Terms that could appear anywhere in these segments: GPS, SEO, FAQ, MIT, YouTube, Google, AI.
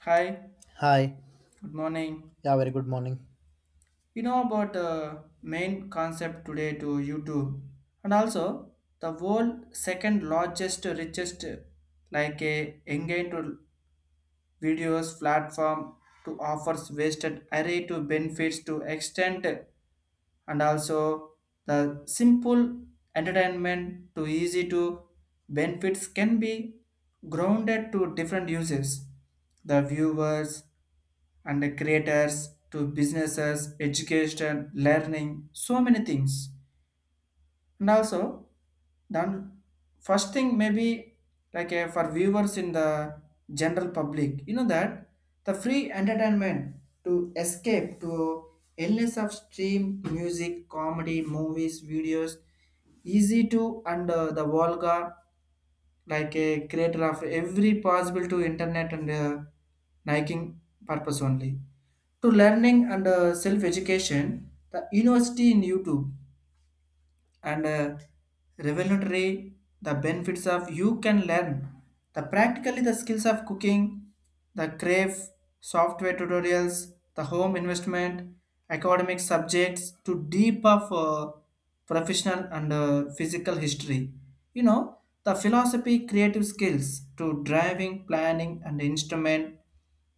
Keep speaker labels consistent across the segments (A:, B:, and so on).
A: Hi,
B: Hi.
A: good morning.
B: Yeah, very good morning.
A: You know about the main concept today to YouTube, and also the world second largest richest like a engaged videos platform to offers wasted array to benefits to extent, and also the simple entertainment to easy to benefits can be grounded to different uses the viewers and creators to businesses education learning so many things and also then first thing maybe like for viewers in the general public you know that the free entertainment to escape to illness of stream music comedy movies videos easy to and the vulgar like a creator of every possible to internet and liking purpose only to learning and self education the university in YouTube and revolutionary the benefits of you can learn the practically the skills of cooking the crave software tutorials the home investment academic subjects to deep of professional and physical history, you know, the philosophy creative skills to driving planning and instrument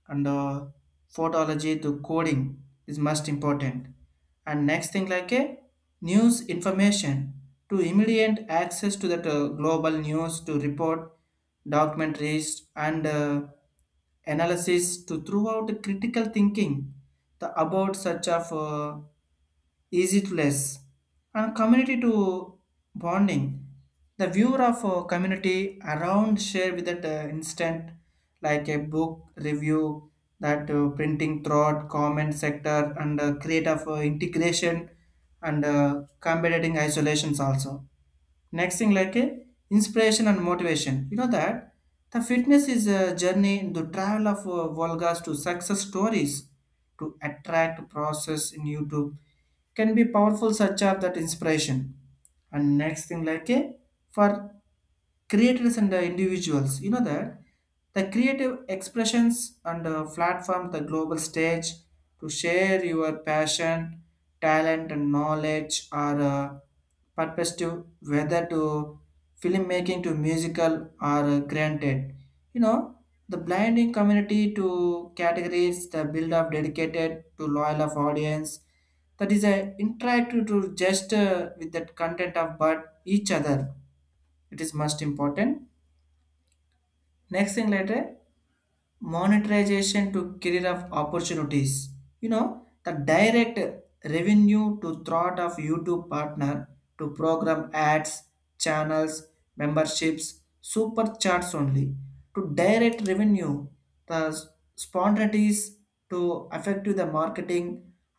A: and phonology to coding is most important. And next thing like a news information to immediate access to that global news to report documentaries and analysis to throughout the critical thinking the about such of easy to less, and community to bonding. The viewer of a community around share with that instant, like a book review, that printing throughout comment sector and create of integration and combating isolations also. Next thing like a inspiration and motivation, you know that the fitness is a journey the travel of volgas to success stories to attract process in YouTube can be powerful such as that inspiration. And next thing like a for creators and individuals you know that the creative expressions and platform the global stage to share your passion talent and knowledge or perspective whether to filmmaking to musical are granted, you know, the blinding community to categories the build up dedicated to loyal of audience that is a interactive to just with that content of but each other, it is most important. Next thing later monetization to career of opportunities, you know, the direct revenue to thought of YouTube partner to program ads channels memberships super charts only to direct revenue the spontaneous to affect to the marketing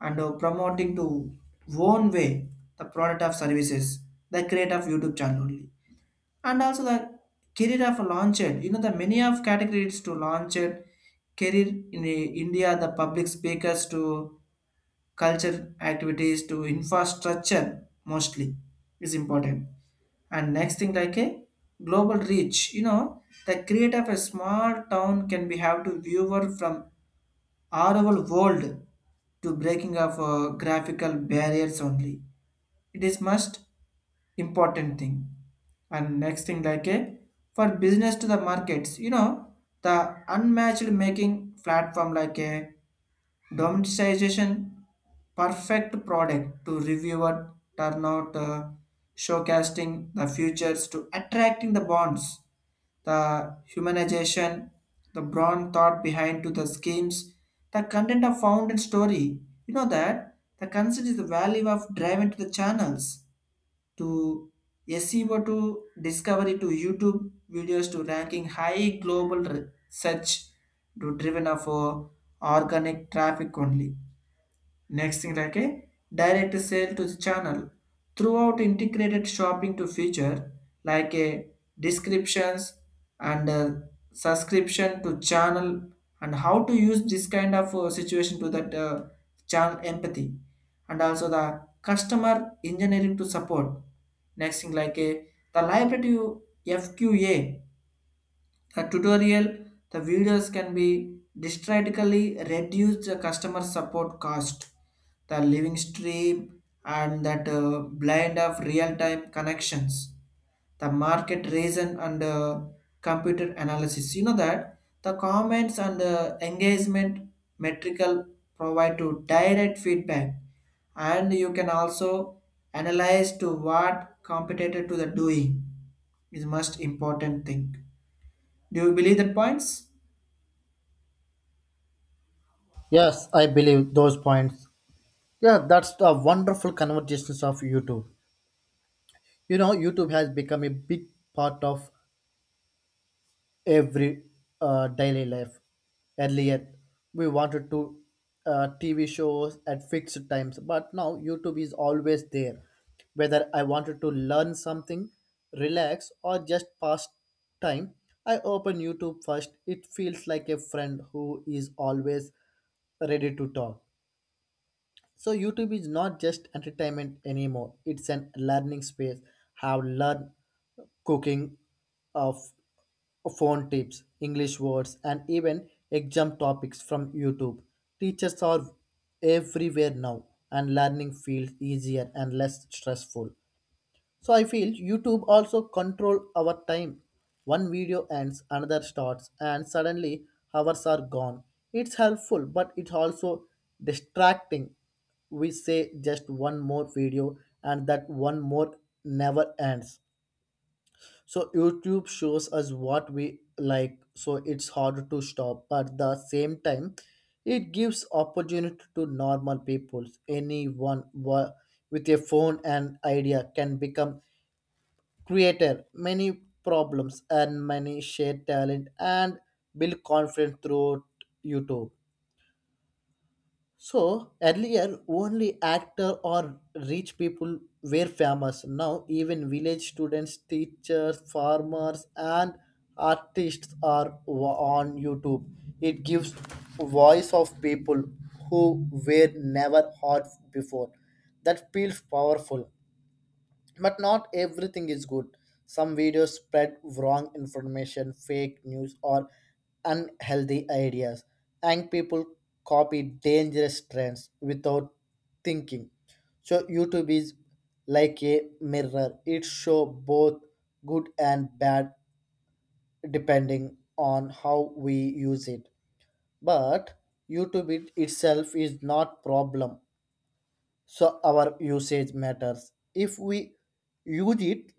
A: and promoting to own way the product of services the create of YouTube channel only. And also the career of launched, you know, the many of categories to launched career in India the public speakers to culture activities to infrastructure mostly is important. And next thing like a global reach, you know, the create of a small town can be have to viewer from all over world to breaking of graphical barriers only, it is must important thing. And next thing like a for business to the markets, you know, the unmatched making platform like a domesticization perfect product to reviewer turnout showcasing the futures to attracting the bonds the humanization, the broad thought behind to the schemes, the content of found and story. You know that the concept is the value of driving to the channels to SEO to discovery to YouTube videos to ranking high global re- search to driven of organic traffic only. Next thing like a direct sale to the channel throughout integrated shopping to feature like a descriptions and subscription to channel and how to use this kind of situation to that channel empathy, and also the customer engineering to support. Next thing like a the library to fqa the tutorial, the videos can be drastically reduce the customer support cost. The living stream and that blend of real-time connections the market reason and computer analysis, you know that the comments and engagement metrical provide to direct feedback, and you can also analyze to what competitor to the doing is most important thing. Do you believe that points?
B: Yes, I believe those points. Yeah, that's the wonderful conversations of YouTube. You know, YouTube has become a big part of every daily life. Earlier, we wanted to TV shows at fixed times, but now YouTube is always there. Whether I wanted to learn something, relax, or just pass time, I open YouTube first. It feels like a friend who is always ready to talk. So YouTube is not just entertainment anymore. It's an learning space. Have learned cooking of phone tips, English words, and even exam topics from YouTube. Teachers are everywhere now, and learning feels easier and less stressful. So I feel YouTube also control our time. One video ends, another starts, and suddenly hours are gone. It's helpful, but it's also distracting. We say just one more video, and that one more never ends. So YouTube shows us what we like, so it's hard to stop. But the same time, it gives opportunity to normal people. Anyone with a phone and idea can become creator many problems and many shared talent and build confidence throughout YouTube. So earlier only actor or rich people were famous. Now even village students, teachers, farmers, and artists are on YouTube. It gives voice of people who were never heard before. That feels powerful, but not everything is good. Some videos spread wrong information, fake news, or unhealthy ideas, and people copy dangerous trends without thinking. So YouTube is like a mirror. It show both good and bad depending on how we use it. But YouTube it itself is not problem. So our usage matters. If we use it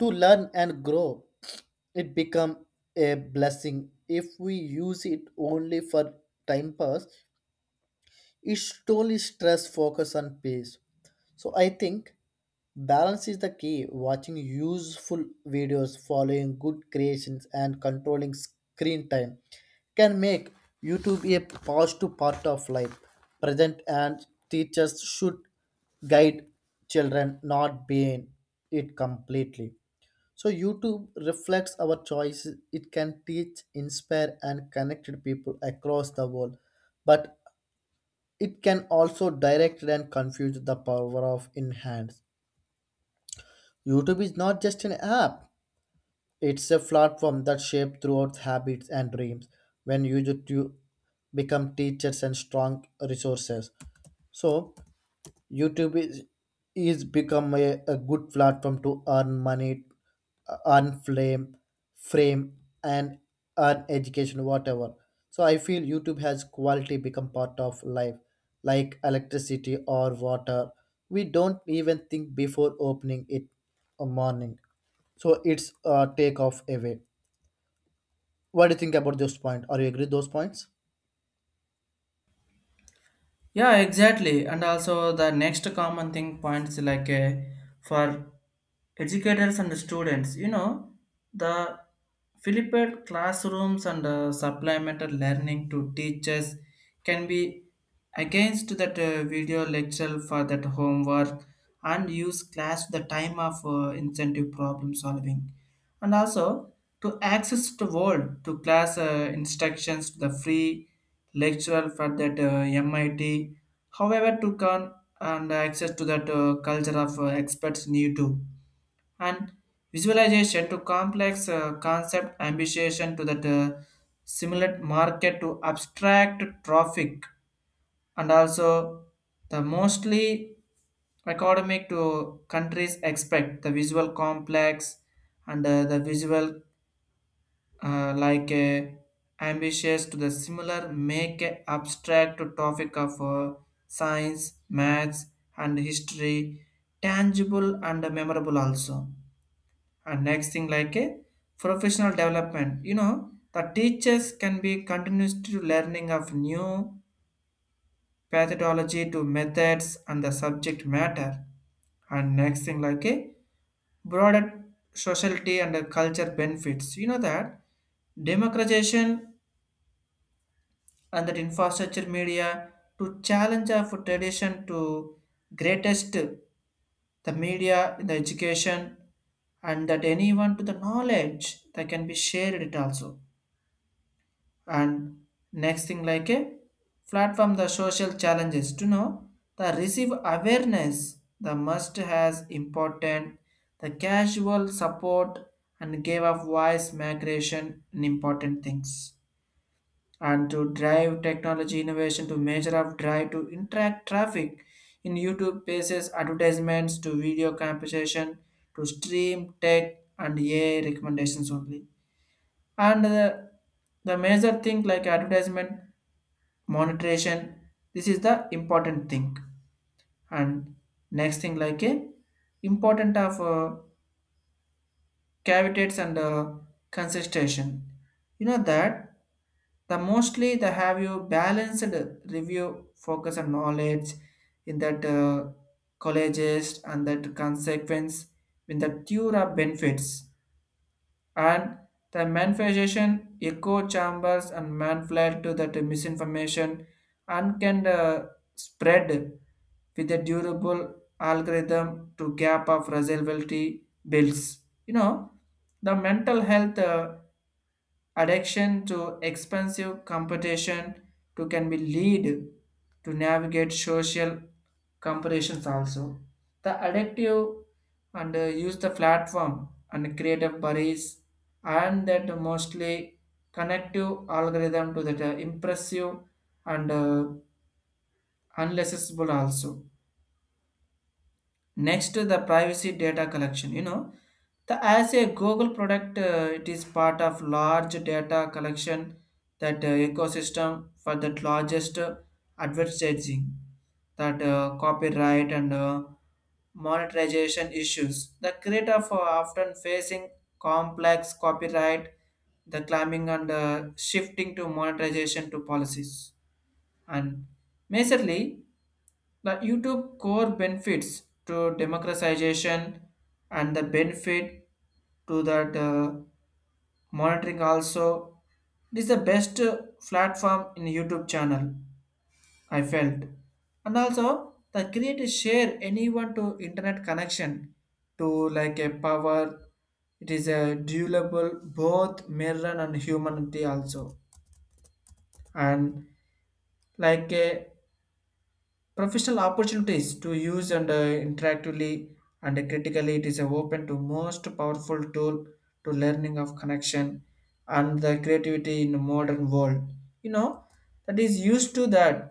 B: to learn and grow, it become a blessing. If we use it only for time pass, it slowly stress focus on pace. So I think balance is the key. Watching useful videos, following good creations, and controlling screen time can make YouTube a positive part of life. Present and teachers should guide children, not ban it completely. So YouTube reflects our choices. It can teach, inspire, and connect people across the world, but it can also direct and confuse the power of in hands. YouTube is not just an app; it's a platform that shapes throughout habits and dreams. When used to become teachers and strong resources, so YouTube is become a good platform to earn money, earn flame, frame, and earn education, whatever. So I feel YouTube has quality become part of life, like electricity or water. We don't even think before opening it a morning. So it's a takeoff away. What do you think about those point? Are you agree those points?
A: Yeah, exactly. And also the next common thing points like for educators and students you know the flipped classrooms and supplemental learning to teachers can be against that video lecture for that homework and use class the time of incentive problem solving, and also to access the world to class instructions to the free lecturer for that MIT however to come and access to that culture of experts need to, and visualization to complex concept ambition to that simulate market to abstract traffic, and also the mostly academic to countries expect the visual complex and the visual like ambitious to the similar make a abstract topic of science maths and history tangible and memorable also. And next thing like a professional development, you know, the teachers can be continuous to learning of new methodology to methods and the subject matter. And next thing like a broader sociality and the culture benefits, you know that democratization and that infrastructure media to challenge of tradition to greatest the media in the education and that anyone to the knowledge that can be shared it also. And next thing like a platform the social challenges to know the receive awareness the must has important the casual support and gave a voice migration and important things, and to drive technology innovation to measure of drive to interact traffic in YouTube pages advertisements to video compensation to stream tech and AI recommendations only. And the major thing like advertisement monetization, this is the important thing. And next thing like a important of cavities and consistation, you know that the mostly the have you balanced review focus on knowledge in that colleges and that consequence in the cure of benefits, and the manifestation echo chambers and manipulate to that misinformation and can spread with a durable algorithm to gap of resiliency builds, you know, the mental health addiction to expensive competition to can be lead to navigate social comparisons also. The addictive and use the platform and creative buddies and that mostly connective algorithm to that impressive and unlessable also. Next, the privacy data collection. You know, the as a Google product, it is part of large data collection that ecosystem for the largest advertising, that copyright and monetization issues. The creator for often facing complex copyright, the climbing and shifting to monetization to policies, and majorly the YouTube core benefits to democratization and the benefit to that monitoring also. It is the best platform in YouTube channel, I felt. And also the create share anyone to internet connection to like a power. It is a durable both mirror and humanity also. And like a professional opportunities to use and interactively and critically it is a open to most powerful tool to learning of connection and the creativity in the modern world, you know, that is used to that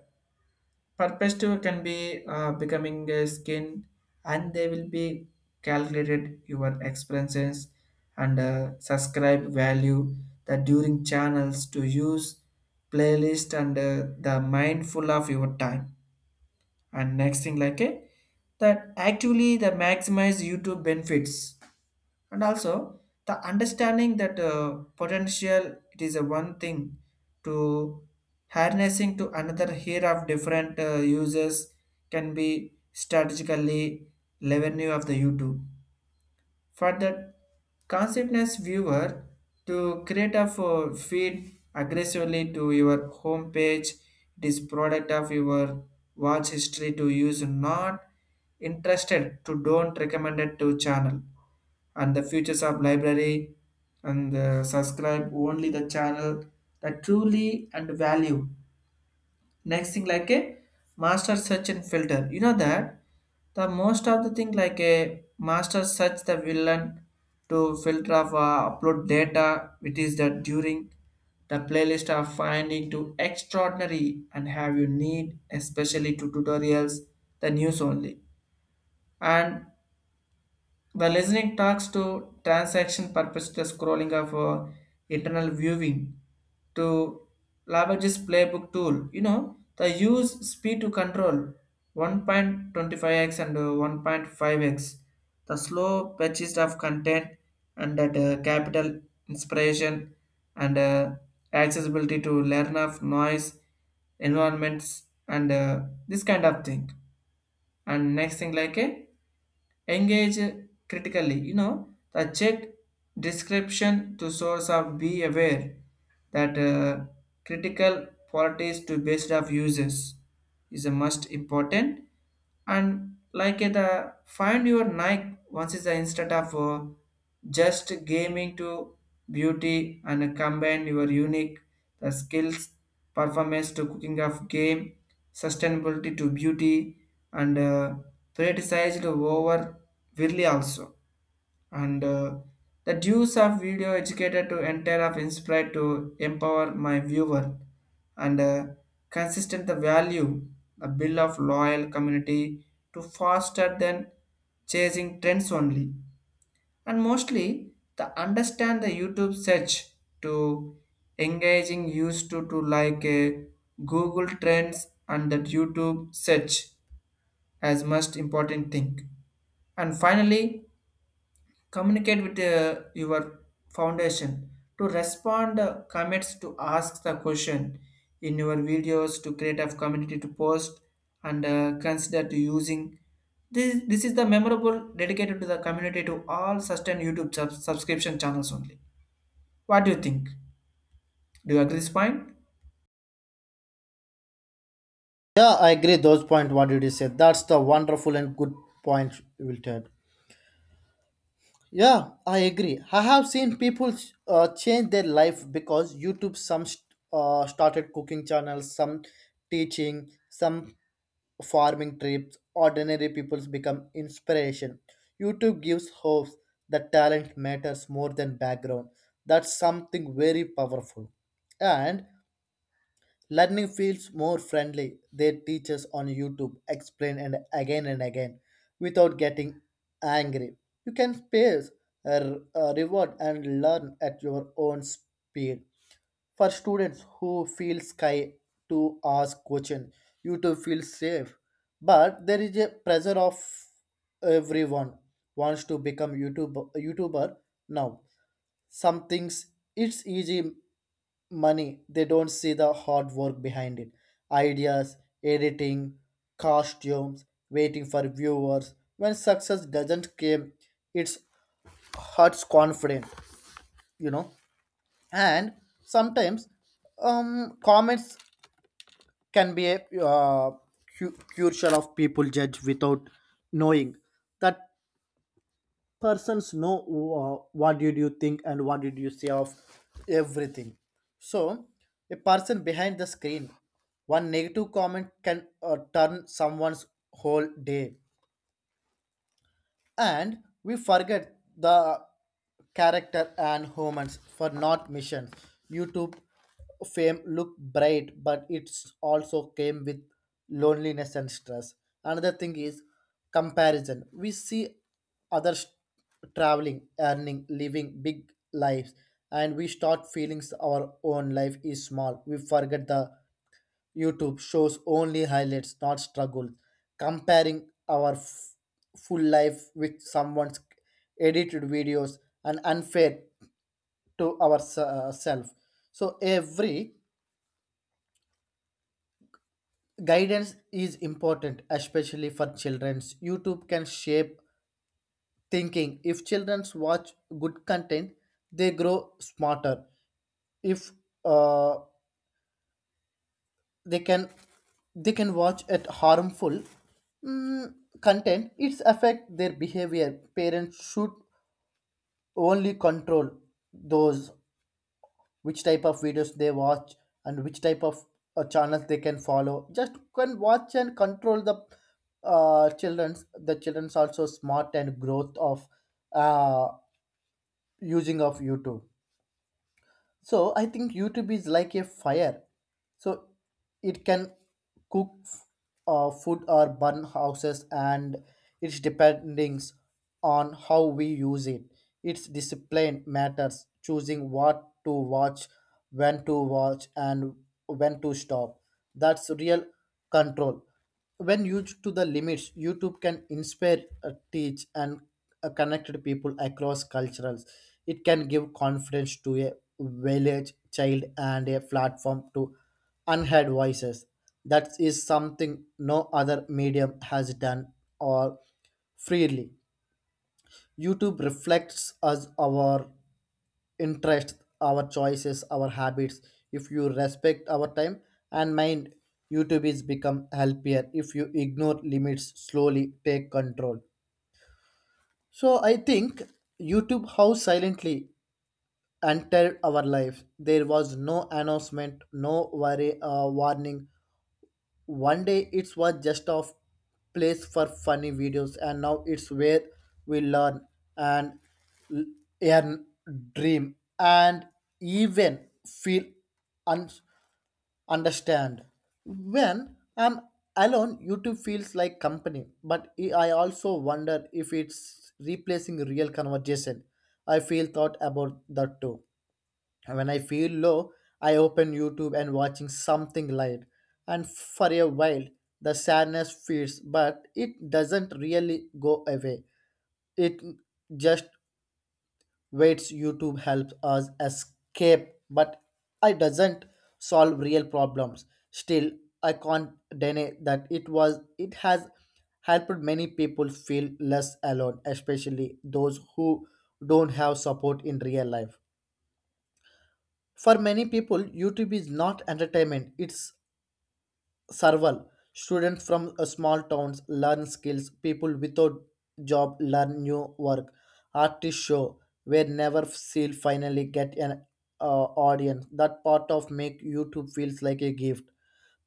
A: purpose to can be becoming a skin and they will be calculated your experiences and subscribe value that during channels to use playlist and the mindful of your time. And next thing like a that actually the maximize YouTube benefits, and also the understanding that potential it is a one thing to harnessing to another here of different users can be strategically revenue of the YouTube for the consciousness viewer to create a feed aggressively to your home page, it is product of your watch history to use not interested to don't recommend it to channel and the features of library and subscribe only the channel that truly and value. Next thing like a master search and filter, you know that the most of the thing like a master search the villain to filter of upload data which is that during the playlist of finding to extraordinary and have you need especially to tutorials the news only, and the listening talks to transaction purpose the scrolling of internal viewing to leverages playbook tool. You know, the use speed to control 1.25x and 1.5x. The slow purchase of content and that capital inspiration and accessibility to learn of noise environments and this kind of thing. And next thing like a Engage critically, the check description to source of be aware that critical qualities to based of users is a must important, and like it the find your nike once is instead of just gaming to beauty, and combine your unique the skills performance to cooking of game sustainability to beauty, and prioritized over really also, and the dues of video educated to enter of inspired to empower my viewer, and consistent the value the bill of loyal community to faster than chasing trends only, and mostly the understand the youtube search to engaging used to like a google trends and that youtube search as most important thing. And finally communicate with your foundation to respond comments to ask the question in your videos to create a community to post, and consider to using this is the memorable dedicated to the community to all sustain youtube subscription channels only. What do you think? Do you agree this point?
B: Yeah, I agree those point. What did you say? That's the wonderful and good point you will take. Yeah, I agree. I have seen people change their life because YouTube. Some started cooking channels, some teaching, some farming trips. Ordinary people's become inspiration. YouTube gives hope that talent matters more than background. That's something very powerful. And learning feels more friendly. Their teachers on YouTube explain and again without getting angry. You can space a reward and learn at your own speed. For students who feel shy to ask questions, YouTube feels safe. But there is a pressure of everyone wants to become YouTube YouTuber now. Some things it's easy money. They don't see the hard work behind it: ideas, editing, costumes, waiting for viewers. When success doesn't come, it's hurts confident, you know. And sometimes comments can be a crucial of people judge without knowing that persons know what did you think and what did you say of everything. So a person behind the screen, one negative comment can turn someone's whole day. And we forget the character and humans for not mission. YouTube fame look bright, but it's also came with loneliness and stress. Another thing is comparison. We see others traveling, earning, living big lives, and we start feeling our own life is small. We forget the YouTube shows only highlights, not struggles. Comparing our full life with someone's edited videos and unfair to ourselves. So every guidance is important, especially for children. YouTube can shape thinking. If children watch good content, they grow smarter. If uh, they can they can watch at harmful mm, content, it's affect their behavior. Parents should only control those, which type of videos they watch and which type of channels they can follow. Just can watch and control the children's also smart and growth of uh, using of YouTube. So I think YouTube is like a fire. So it can cook food or burn houses, and its dependings on how we use it. Its discipline matters: choosing what to watch, when to watch, and when to stop. That's real control. When used to the limits, YouTube can inspire, teach, and connect people across cultures. It can give confidence to a village child and a platform to unheard voices. That is something no other medium has done or freely. YouTube reflects us, our interests, our choices, our habits. If you respect our time and mind, YouTube is become healthier. If you ignore limits, slowly take control. So I think YouTube how silently entered our life. There was no announcement, no worry, warning, one day it was just a place for funny videos, and now it's where we learn and l- and dream and even feel un- understand. When I'm alone, YouTube feels like company, but I also wonder if it's replacing real conversation. I feel thought about that too. When I feel low, I open YouTube and watching something light. And for a while, the sadness fades, but it doesn't really go away. It just waits. YouTube helps us escape, but it doesn't solve real problems. Still, I can't deny that it has helped many people feel less alone, especially those who don't have support in real life. For many people, YouTube is not entertainment, it's survival. Students from small towns learn skills, people without job learn new work. Artists show where never seal finally get an uh, audience. That part of make YouTube feels like a gift.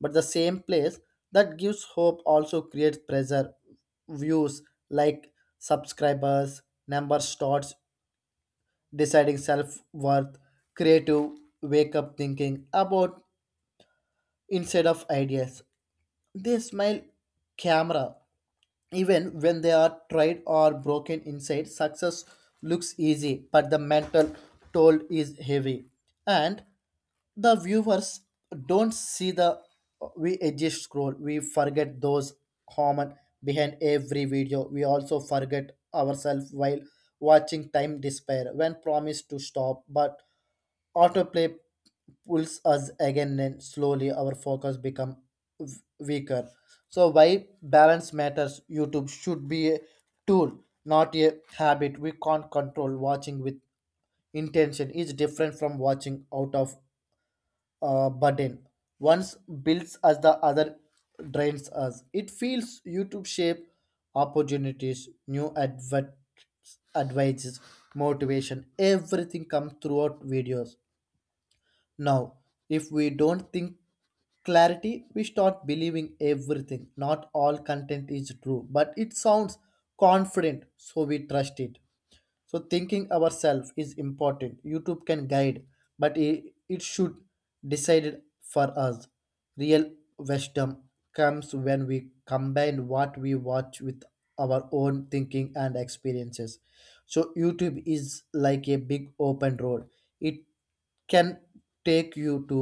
B: But the same place that gives hope also creates pressure. Views like subscribers, number starts deciding self worth. Creative wake up thinking about instead of ideas. They smile camera even when they are tried or broken inside. Success looks easy, but the mental toll is heavy, and the viewers don't see the we exist scroll. We forget those common behind every video. We also forget ourselves while watching time despair when promised to stop, but Autoplay pulls us again, and slowly our focus become weaker. So why balance matters. YouTube should be a tool, not a habit. We can't control watching with intention is different from watching out of burden. Once builds us, the other drains us. It feels YouTube shape opportunities, new advert advices, motivation, everything come throughout videos. Now, if we don't think clarity, we start believing everything. Not all content is true, but it sounds confident, so we trust it. So thinking ourselves is important. YouTube can guide, but it should decide for us. Real wisdom comes when we combine what we watch with our own thinking and experiences. So YouTube is like a big open road. It can take you to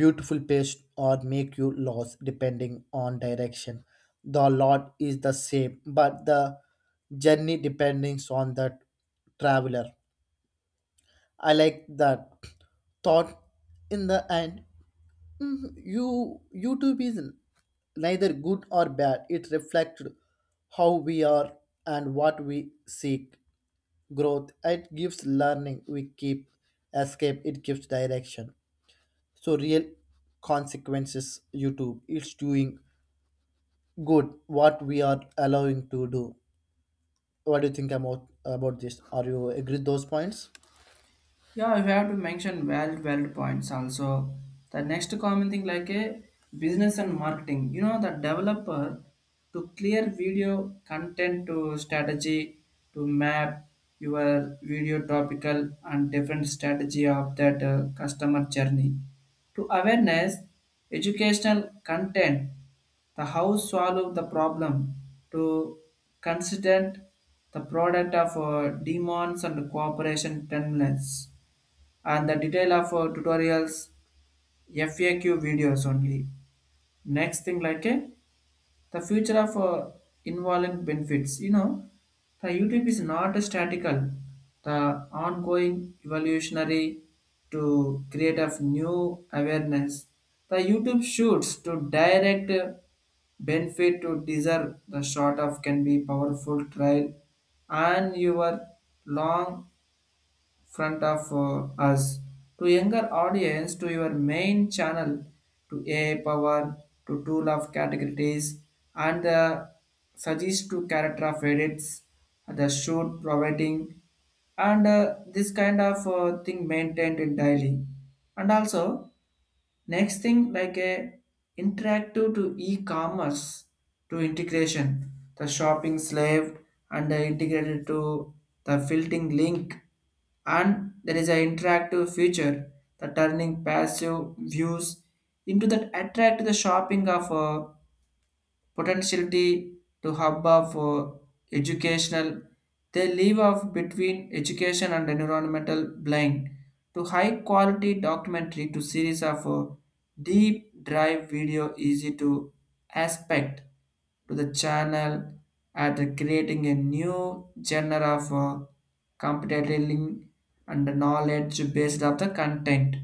B: beautiful pace or make you lost depending on direction. The lot is the same, but the journey depends on the traveler. I like that thought in the end. YouTube is neither good or bad. It reflects how we are and what we seek. Growth. It gives learning. We keep escape. It gives direction. So real consequences YouTube it's doing good what we are allowing to do. What do you think about this? Are you agree those points?
A: Yeah, we have to mention valid points also. The next common thing like a business and marketing. You know, the developer to clear video content to strategy to map your video topical and different strategy of that customer journey to awareness educational content the how solve the problem to consider the product of demands and cooperation timelines, and the detail of tutorials, FAQ videos only. Next thing like the future of involvement benefits. You know, the YouTube is not statical. The ongoing evolutionary to create of new awareness. The YouTube shoots to direct benefit to deserve the short of can be powerful trial, and your long front of us to younger audience to your main channel to AI power to tool of categories and the suggest to character of edits the shoot providing, and this kind of thing maintained in daily. And also next thing like a interactive to e-commerce to integration, the shopping slave and the integrated to the filtering link, and there is an interactive feature the turning passive views into that attract the shopping of potentiality to hub of educational. They leave off between education and environmental blend to high quality documentary to series of deep drive video easy to aspect to the channel at creating a new genre of competitive and knowledge based of the content.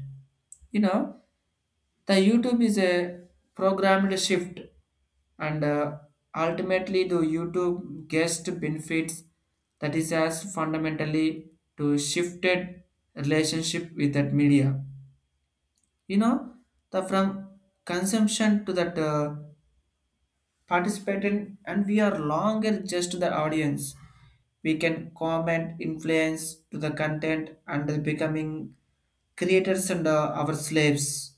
A: You know, the YouTube is a programmed shift, and ultimately, the YouTube guest benefits that is as fundamentally to shifted relationship with that media. You know, the from consumption to that participating, and we are longer just the audience. We can comment, influence to the content, and the becoming creators and our slaves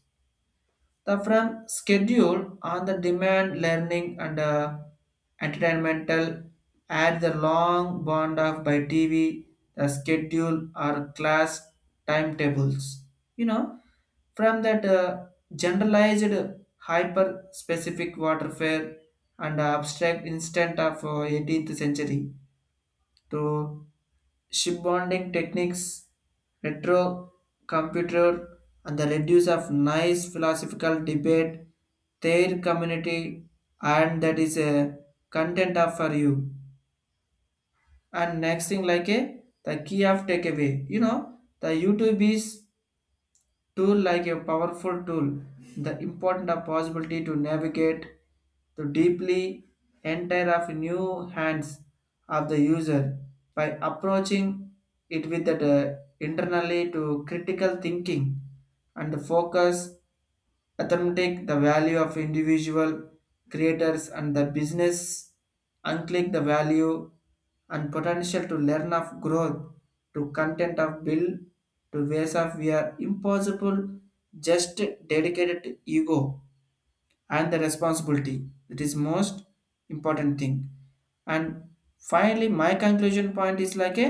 A: the from schedule on the demand learning and entertainmental add the long bond of by TV, the schedule or class timetables. You know, from that generalized hyper specific waterfare and abstract instant of 18th century to shipbonding techniques, retro computer, and the reduce of nice philosophical debate, their community, and that is a content of for you. And next thing like a the key of takeaway. You know the YouTube is tool like a powerful tool, the important of possibility to navigate to deeply enter of new hands of the user by approaching it with that internally to critical thinking and focus authentic the value of individual creators and the business unclick the value and potential to learn of growth to content of build to ways of we are impossible, just dedicated to ego and the responsibility that is most important thing. And finally my conclusion point is like a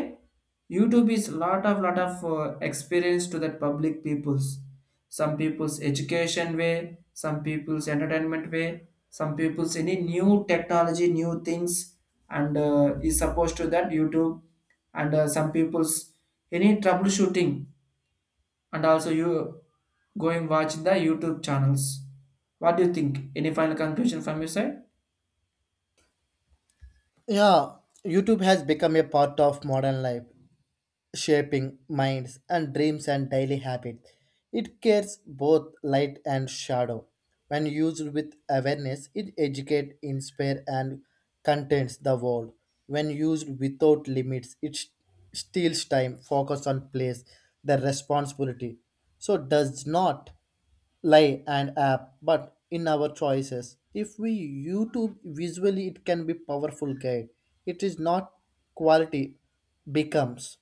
A: youtube is lot of experience to that public peoples. Some people's education way, some people's entertainment way, some people's any new technology new things, and is supposed to that youtube, and some people's any troubleshooting, and also you going watch the youtube channels. What do you think? Any final conclusion from your side?
B: Yeah, YouTube has become a part of modern life, shaping minds and dreams and daily habits. It carries both light and shadow. When used with awareness, it educates, inspires, and contents the world. When used without limits, it steals time, focus on place, the responsibility. So does not lie and app, but in our choices. If we YouTube visually, it can be powerful guide. It is not quality becomes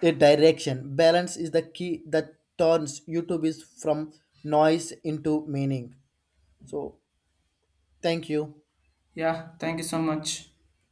B: a direction. Balance is the key that turns YouTube is from noise into meaning. So, thank you.
A: Yeah, thank you so much.